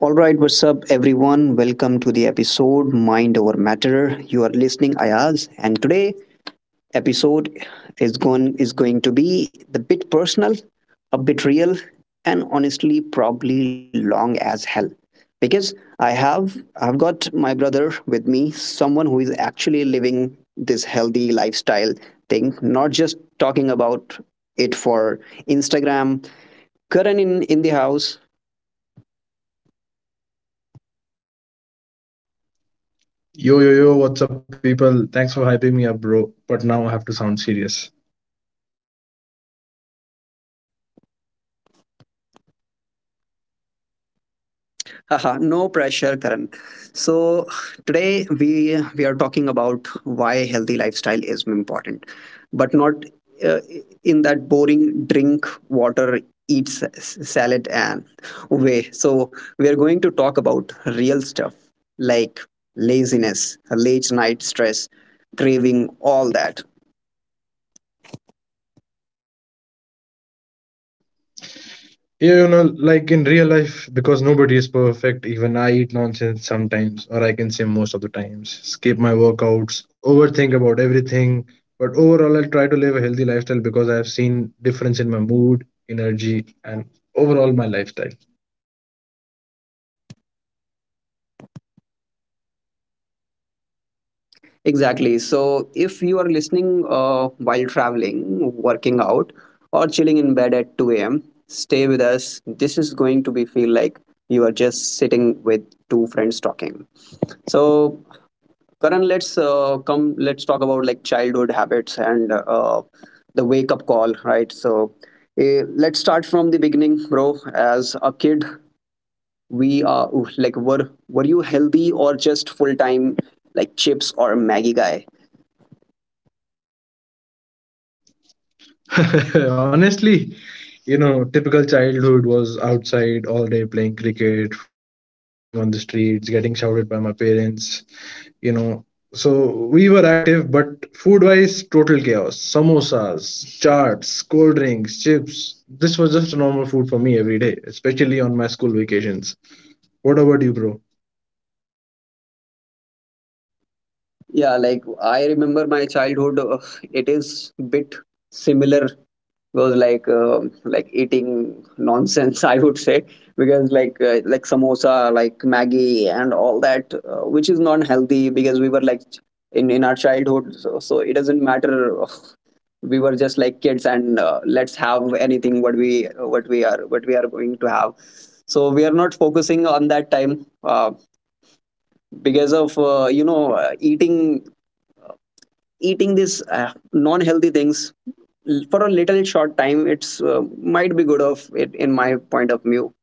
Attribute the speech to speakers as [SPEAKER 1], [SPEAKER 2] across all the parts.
[SPEAKER 1] All right, what's up, everyone? Welcome to the episode Mind Over Matter. You are listening, Ayaz, and today episode is going to be the bit personal, a bit real, and honestly, probably long as hell. Because I have I've got my brother with me, someone who is actually living this healthy lifestyle thing, not just talking about it for Instagram, Karan in the house.
[SPEAKER 2] Yo, yo, yo, what's up, people? Thanks for hyping me up, bro. But now I have to sound serious.
[SPEAKER 1] Haha, no pressure, Karan. So today we are talking about why healthy lifestyle is important, but not uh, in that boring drink water, eat sa- salad and way. So we are going to talk about real stuff like laziness, late night stress, craving, all that.
[SPEAKER 2] Yeah, you know, like in real life, because nobody is perfect, even I eat nonsense sometimes, or I can say most of the times, skip my workouts, overthink about everything. But overall, I'll try to live a healthy lifestyle because I've seen difference in my mood, energy, and overall my lifestyle.
[SPEAKER 1] Exactly. So if you are listening while traveling, working out, or chilling in bed at 2 a.m., stay with us. This is going to be feel like you are just sitting with two friends talking. So Karan, let's come. Let's talk about like childhood habits and the wake up call, right? So let's start from the beginning, bro. As a kid, we are like were you healthy or just full time like chips or Maggie guy?
[SPEAKER 2] Honestly, you know, typical childhood was outside all day playing cricket, football, running on the streets, getting shouted by my parents. You know, so we were active, but food wise total chaos. Samosas, charts, cold drinks, chips, this was just normal food for me every day, especially on my school vacations. What about you, bro?
[SPEAKER 1] Yeah, like I remember my childhood. It is bit similar. Was like like eating nonsense, I would say, because like samosa, like Maggie, and all that, which is not healthy because we were like in our childhood. So it doesn't matter. We were just like kids, and let's have anything what we are going to have. So we are not focusing on that time uh, because of eating these non-healthy things for a little short time it's might be good of it in my point of view.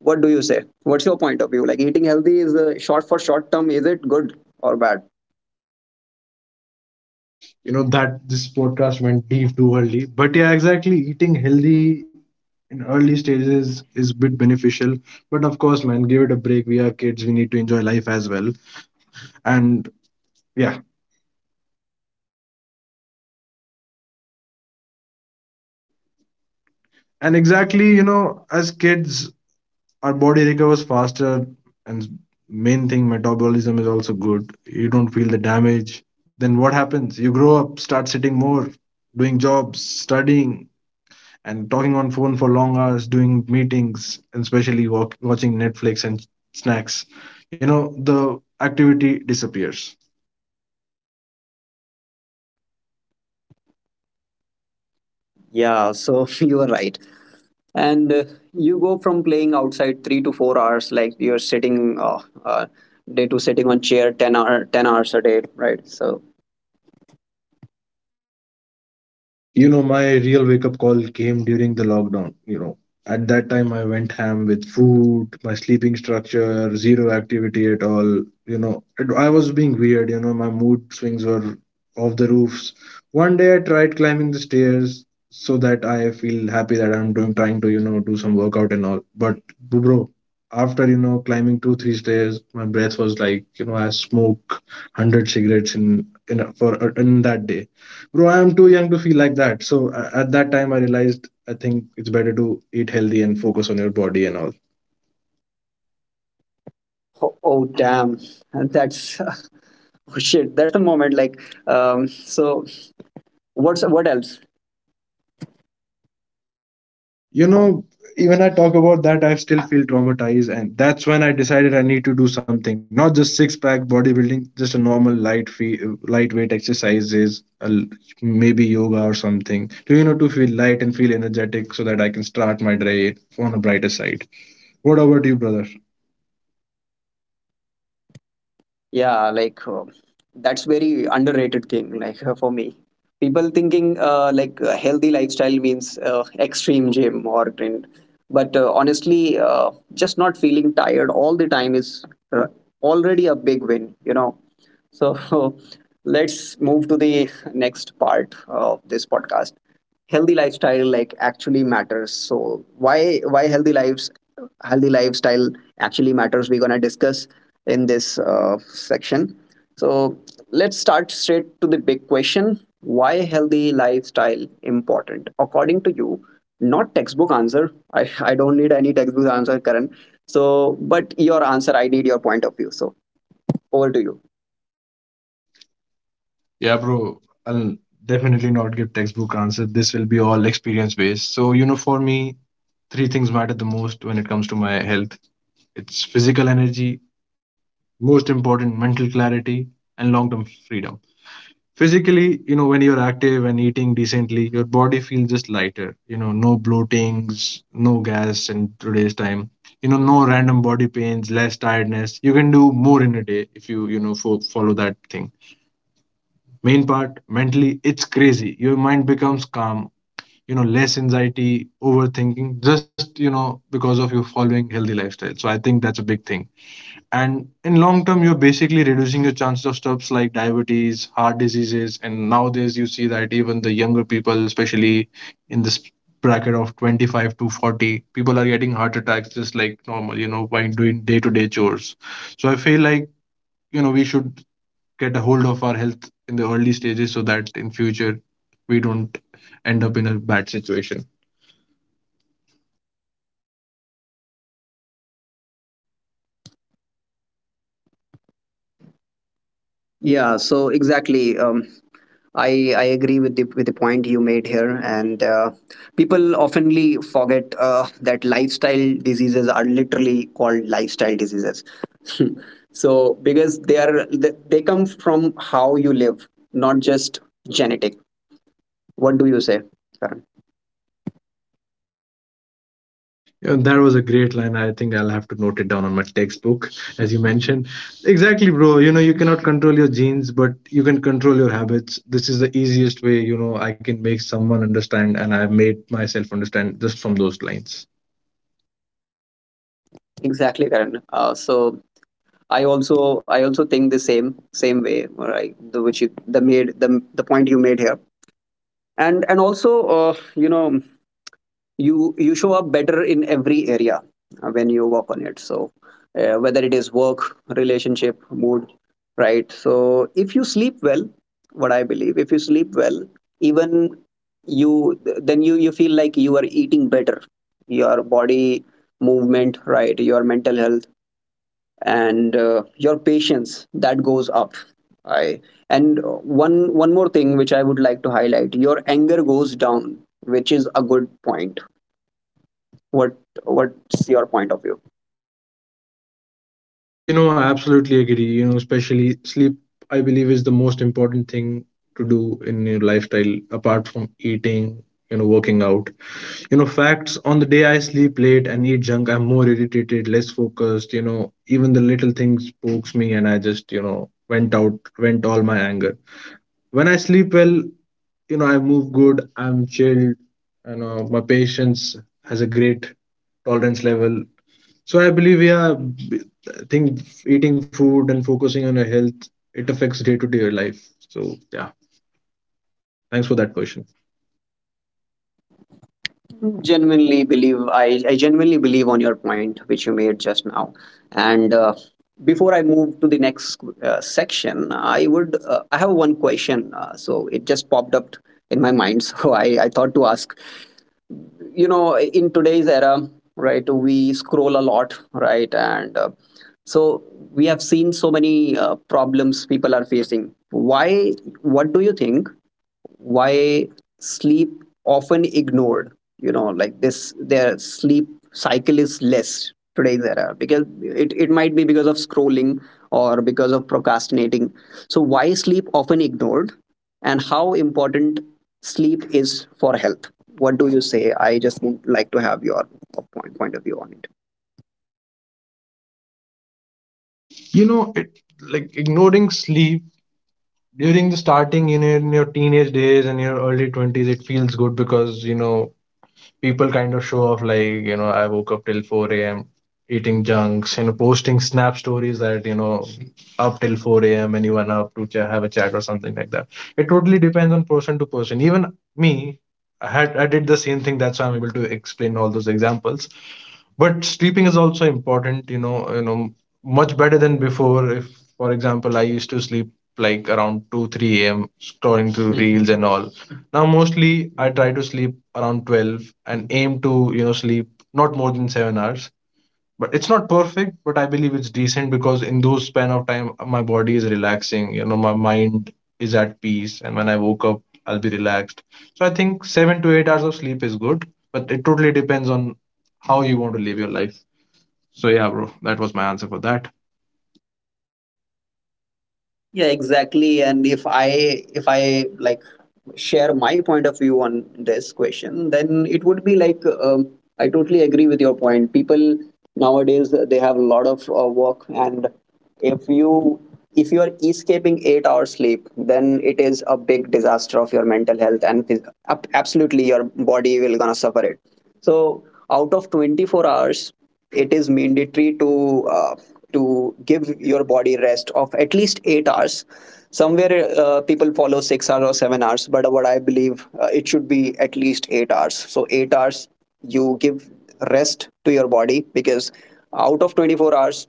[SPEAKER 1] What do you say? What's your point of view? Like, eating healthy is short for short term, is it good or bad?
[SPEAKER 2] You know that this podcast went deep too early, but yeah, exactly, eating healthy in early stages is bit beneficial. But of course, man, give it a break, we are kids, we need to enjoy life as well. And yeah. And exactly, you know, as kids our body recovers faster, and main thing, metabolism is also good. You don't feel the damage. Then what happens, you grow up, start sitting more, doing jobs, studying, and talking on phone for long hours, doing meetings, and especially walk, watching Netflix and snacks. You know, the activity disappears.
[SPEAKER 1] Yeah, so you are right, and you go from playing outside 3 to 4 hours, like you're sitting uh, day to sitting on chair 10 hours a day, right? So
[SPEAKER 2] You know, my real wake up call came during the lockdown. You know, at that time I went ham with food, my sleeping structure zero, activity at all. You know it, I was being weird. You know, my mood swings were off the roofs. One day I tried climbing the stairs so that I feel happy that I'm doing, trying to, you know, do some workout and all. But bro, after, you know, climbing two three stairs, my breath was like, you know, I smoke 100 cigarettes for in that day. Bro, I am too young to feel like that. So at that time, I realized I think it's better to eat healthy and focus on your body and all.
[SPEAKER 1] oh, oh damn. And that's oh shit, that's the moment. Like, so what's what else?
[SPEAKER 2] You know, even I talk about that, I still feel traumatized, and that's when I decided I need to do something. Not just six pack bodybuilding, just a normal light fee, lightweight exercises, maybe yoga or something. Do you know to feel light and feel energetic so that I can start my day on a brighter side? What about you, brother?
[SPEAKER 1] Yeah, like that's very underrated thing. Like for me, people thinking healthy lifestyle means extreme gym or grind, but honestly, just not feeling tired all the time is uh, already a big win. You know, so let's move to the next part of this podcast. Healthy lifestyle like actually matters. So why healthy lifestyle actually matters? We're gonna discuss in this section. So let's start straight to the big question: why healthy lifestyle important? According to you, not textbook answer. I don't need any textbook answer, Karan. So but your answer, I need your point of view. So over to you.
[SPEAKER 2] Yeah, bro, I'll definitely not give textbook answer. This will be all experience based. So, you know, for me, three things matter the most when it comes to my health. It's physical energy, most important, mental clarity, and long-term freedom. Physically, you know, when you're active and eating decently, your body feels just lighter. You know, no bloatings, no gas in today's time. You know, no random body pains, less tiredness. You can do more in a day if you, you know, follow that thing. Main part, mentally it's crazy, your mind becomes calm, you know, less anxiety, overthinking, just, you know, because of you following healthy lifestyle. So I think that's a big thing. And in long term you're basically reducing your chances of stuffs like diabetes, heart diseases. And nowadays you see that even the younger people, especially in this bracket of 25 to 40, people are getting heart attacks just like normal, you know, while doing day to day chores. So I feel like, you know, we should get a hold of our health in the early stages so that in future we don't end up in a bad situation.
[SPEAKER 1] Yeah, so exactly. I agree with the point you made here, and people oftenly forget that lifestyle diseases are literally called lifestyle diseases. So because they are they come from how you live, not just genetic. What do you say, Karan?
[SPEAKER 2] Yeah, that was a great line. I think I'll have to note it down on my textbook, as you mentioned. Exactly, bro. You know, you cannot control your genes, but you can control your habits. This is the easiest way, you know, I can make someone understand, and I've made myself understand just from those lines.
[SPEAKER 1] Exactly, Karan. So I also think the same way, right? The point you made here, and also uh, you know you you show up better in every area when you work on it. So whether it is work, relationship, mood, right? So if you sleep well, what I believe, if you sleep well, even you, then you feel like you are eating better, your body movement, right? Your mental health, and your patience, that goes up. I and One more thing, which I would like to highlight, your anger goes down, which is a good point. What, what's your point of view?
[SPEAKER 2] You know, I absolutely agree. You know, especially sleep, I believe, is the most important thing to do in your lifestyle apart from eating, you know, working out. You know, facts, on the day I sleep late and eat junk, I'm more irritated, less focused. You know, even the little things pokes me, and I just, you know, went out, went all my anger. When I sleep well, you know, I move good, I'm chilled, you know, my patience has a great tolerance level. So I believe, yeah, I think eating food and focusing on your health, it affects day to day life. So, yeah, thanks for that question.
[SPEAKER 1] Genuinely believe, I genuinely believe on your point, which you made just now. And before I move to the next section, I have one question, so it just popped up in my mind. So I thought to ask, you know, in today's era, right, we scroll a lot, right, and so we have seen so many problems people are facing. Why, what do you think, why sleep often ignored? You know, like, this their sleep cycle is less today's era, because it might be because of scrolling or because of procrastinating. So why sleep often ignored, and how important sleep is for health? What do you say? I just would like to have your point of view on it.
[SPEAKER 2] You know, it like ignoring sleep during the starting in your teenage days and your early 20s, it feels good because, you know, people kind of show off like, you know, I woke up till 4 a.m., eating junks, you know, posting snap stories that, you know, up till 4 a.m., anyone up to have a chat or something like that. It totally depends on person to person. Even me, I did the same thing, that's why I'm able to explain all those examples. But sleeping is also important, you know. Much better than before. If for example, I used to sleep like around 2 3 a.m. scrolling through Mhm. reels and all. Now, mostly I try to sleep around 12 and aim to, you know, sleep not more than 7 hours. But it's not perfect, but I believe it's decent because in those span of time, my body is relaxing, you know, my mind is at peace. And when I woke up, I'll be relaxed. So I think 7 to 8 hours of sleep is good, but it totally depends on how you want to live your life. So yeah, bro, that was my answer for that.
[SPEAKER 1] Yeah, exactly. And if I like share my point of view on this question, then it would be like, I totally agree with your point. People nowadays they have a lot of work, and if you if you are escaping 8 hours sleep, then it is a big disaster of your mental health, and absolutely your body will gonna suffer it. So out of 24 hours, it is mandatory to give your body rest of at least 8 hours. Somewhere people follow 6 hours or 7 hours, but what I believe it should be at least 8 hours. So 8 hours you give rest to your body, because out of 24 hours,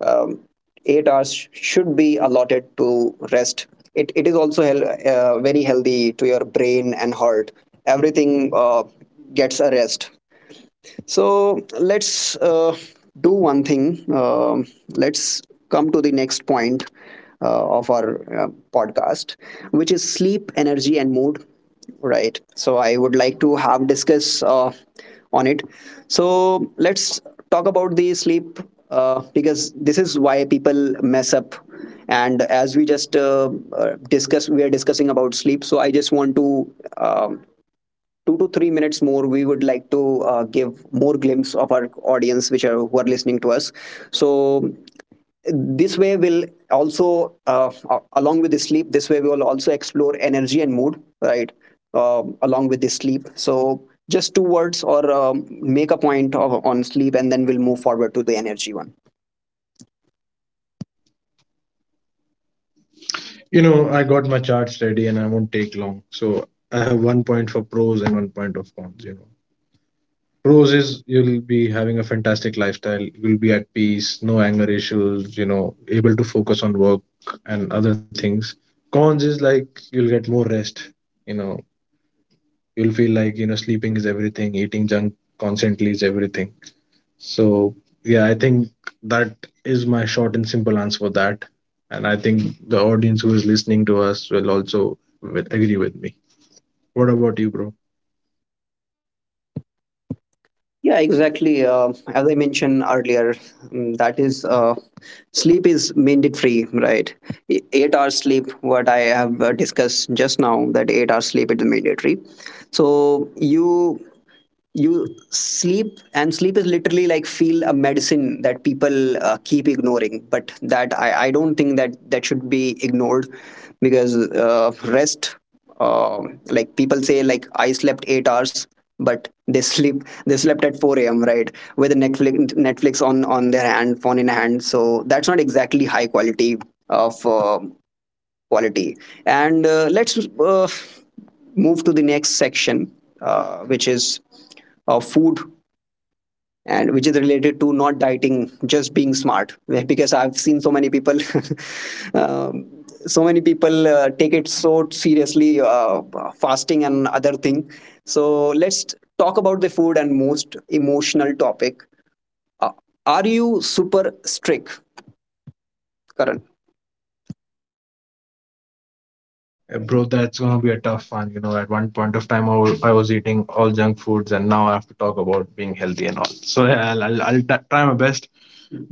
[SPEAKER 1] um, 8 hours should be allotted to rest. It is also very healthy to your brain and heart. Everything gets a rest. So let's do one thing. Let's come to the next point of our podcast, which is sleep, energy, and mood. Right. So I would like to have discuss on it. So let's talk about the sleep because this is why people mess up. And as we just discuss, we are discussing about sleep. So I just want to um 2 to 3 minutes more, we would like to give more glimpse of our audience, which are who are listening to us. So this way will also along with the sleep, this way we will also explore energy and mood, right, along with the sleep. So just two words or make a point on sleep, and then we'll move forward to the energy one.
[SPEAKER 2] You know, I got my charts ready and I won't take long. So I have one point for pros and one point of cons, you know. Pros is you'll be having a fantastic lifestyle, you'll be at peace, no anger issues, you know, able to focus on work and other things. Cons is like you'll get more rest, you know, you'll feel like, you know, sleeping is everything, eating junk constantly is everything. So yeah, I think that is my short and simple answer for that. And I think the audience who is listening to us will also will agree with me. What about you, bro?
[SPEAKER 1] Yeah, exactly. As I mentioned earlier, that is, sleep is mandatory, right? 8 hours sleep, what I have discussed just now, that 8 hours sleep is mandatory. So you sleep, and sleep is literally like feel a medicine that people keep ignoring, but that I don't think that that should be ignored, because rest uh, like people say like I slept 8 hours, but they slept at 4 a.m., right, with a netflix on their hand, phone in hand. So that's not exactly high quality of quality. And let's move to the next section, which is food, and which is related to not dieting, just being smart. Well, because I've seen so many people um, so many people take it so seriously, fasting and other thing. So let's talk about the food and most emotional topic. uh, are you super strict, Karan?
[SPEAKER 2] Bro, that's gonna be a tough one. You know, at one point of time, I was eating all junk foods, and now I have to talk about being healthy and all. So yeah, try my best,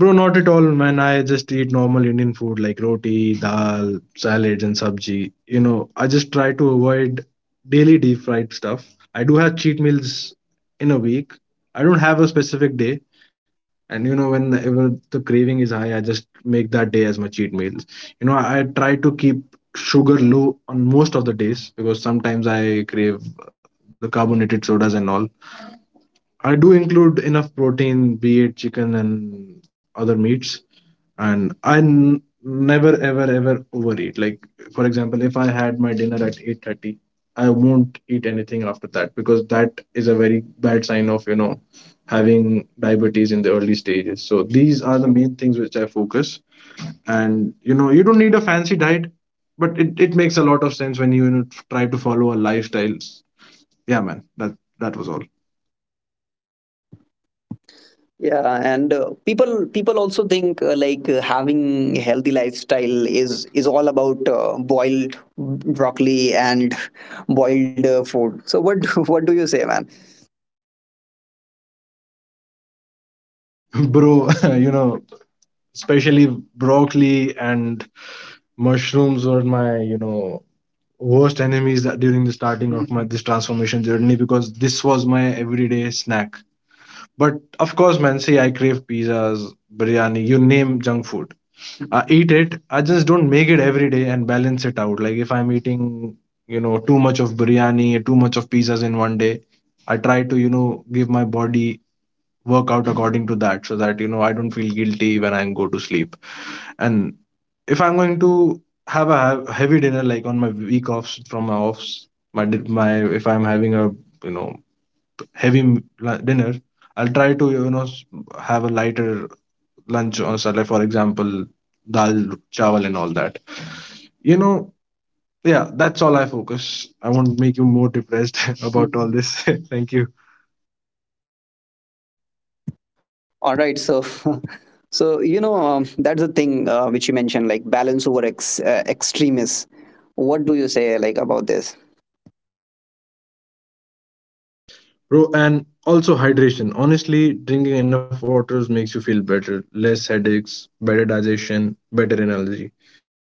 [SPEAKER 2] bro. Not at all, man. I just eat normal Indian food like roti, dal, salads, and sabji. You know, I just try to avoid daily deep fried stuff. I do have cheat meals in a week. I don't have a specific day. And you know, whenever the craving is high, I just make that day as my cheat meals. You know, I try to keep sugar low on most of the days because sometimes I crave the carbonated sodas and all. I do include enough protein, be it chicken and other meats, and I never ever ever overeat. Like for example, if I had my dinner at 8:30, I won't eat anything after that because that is a very bad sign of, you know, having diabetes in the early stages. So these are the main things which I focus. And you know, you don't need a fancy diet, but it makes a lot of sense when you know, try to follow a lifestyle. Yeah, man, that was all,
[SPEAKER 1] Yeah, and people people also think like having a healthy lifestyle is all about boiled broccoli and boiled food. So what do you say, man?
[SPEAKER 2] bro. You know, especially broccoli and mushrooms were, my, you know, worst enemies that during the starting of my this transformation journey, because this was my everyday snack. But of course, man, see, I crave pizzas, biryani, you name junk food, I eat it. I just don't make it every day and balance it out. Like if I'm eating, you know, too much of biryani, too much of pizzas in one day, I try to, you know, give my body work out according to that so that, you know, I don't feel guilty when I go to sleep. And if I'm going to have a heavy dinner, like on my week offs from my offs, my di- my if I'm having a, you know, heavy dinner, I'll try to, you know, have a lighter lunch or so, like for example dal chawal and all that. You know, yeah, that's all I focus. I won't make you more depressed about all this. Thank you,
[SPEAKER 1] All right, so so you know, that's the thing which you mentioned, like balance over extremists. What do you say like about this?
[SPEAKER 2] bro. And also hydration. Honestly, drinking enough waters makes you feel better, less headaches, better digestion, better energy.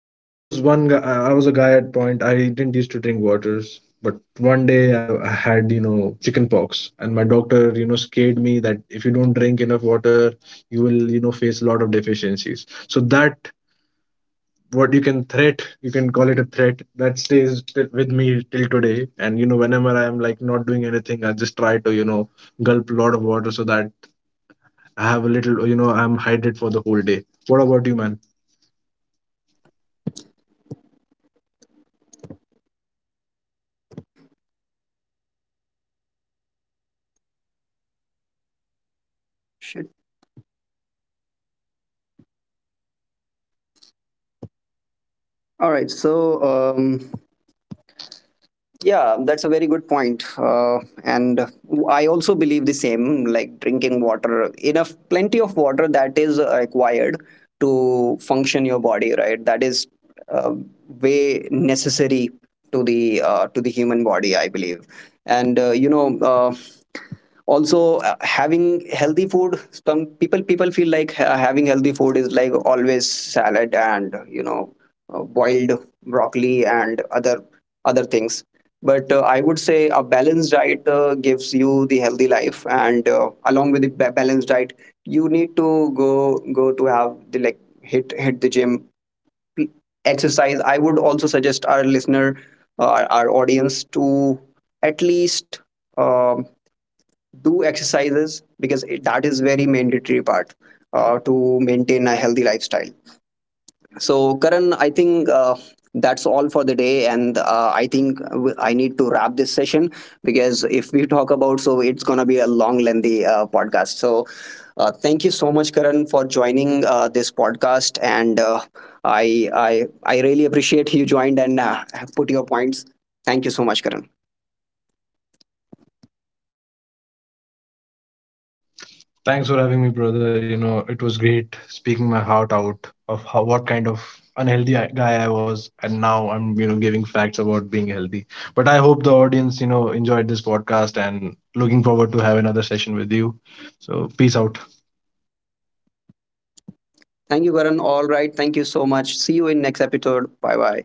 [SPEAKER 2] And I was one guy, I was a guy at point. I didn't used to drink waters, but one day I had, you know, chicken pox, and my doctor, you know, scared me that if you don't drink enough water, you will, you know, face a lot of deficiencies. So that, what you can threat, you can call it a threat, that stays with me till today. And you know, whenever I am like not doing anything, I just try to, you know, gulp a lot of water so that I have a little, you know, I'm hydrated for the whole day. What about you, man?
[SPEAKER 1] Shit. All right, so um yeah, that's a very good point. And I also believe the same, like drinking water, enough, plenty of water that is required to function your body, right? That is uh, way necessary to the human body, I believe. And also having healthy food. Some people feel like having healthy food is like always salad and you know boiled broccoli and other things, but I would say a balanced diet gives you the healthy life, and along with the balanced diet, you need to go to have the like hit the gym, p- exercise. I would also suggest our listener, our audience, to at least um, do exercises, because that is very mandatory part to maintain a healthy lifestyle. So, Karan, I think that's all for the day, and I think I need to wrap this session, because if we talk about, so it's gonna be a long, lengthy podcast. So, thank you so much, Karan, for joining this podcast, and I really appreciate you joined and put your points. Thank you so much, Karan.
[SPEAKER 2] Thanks for having me, brother. You know, it was great speaking my heart out of how what kind of unhealthy guy I was, and now I'm, you know, giving facts about being healthy. But I hope the audience, you know, enjoyed this podcast and looking forward to have another session with you. So peace out.
[SPEAKER 1] Thank you, Karan. All right. Thank you so much. See you in next episode. Bye bye.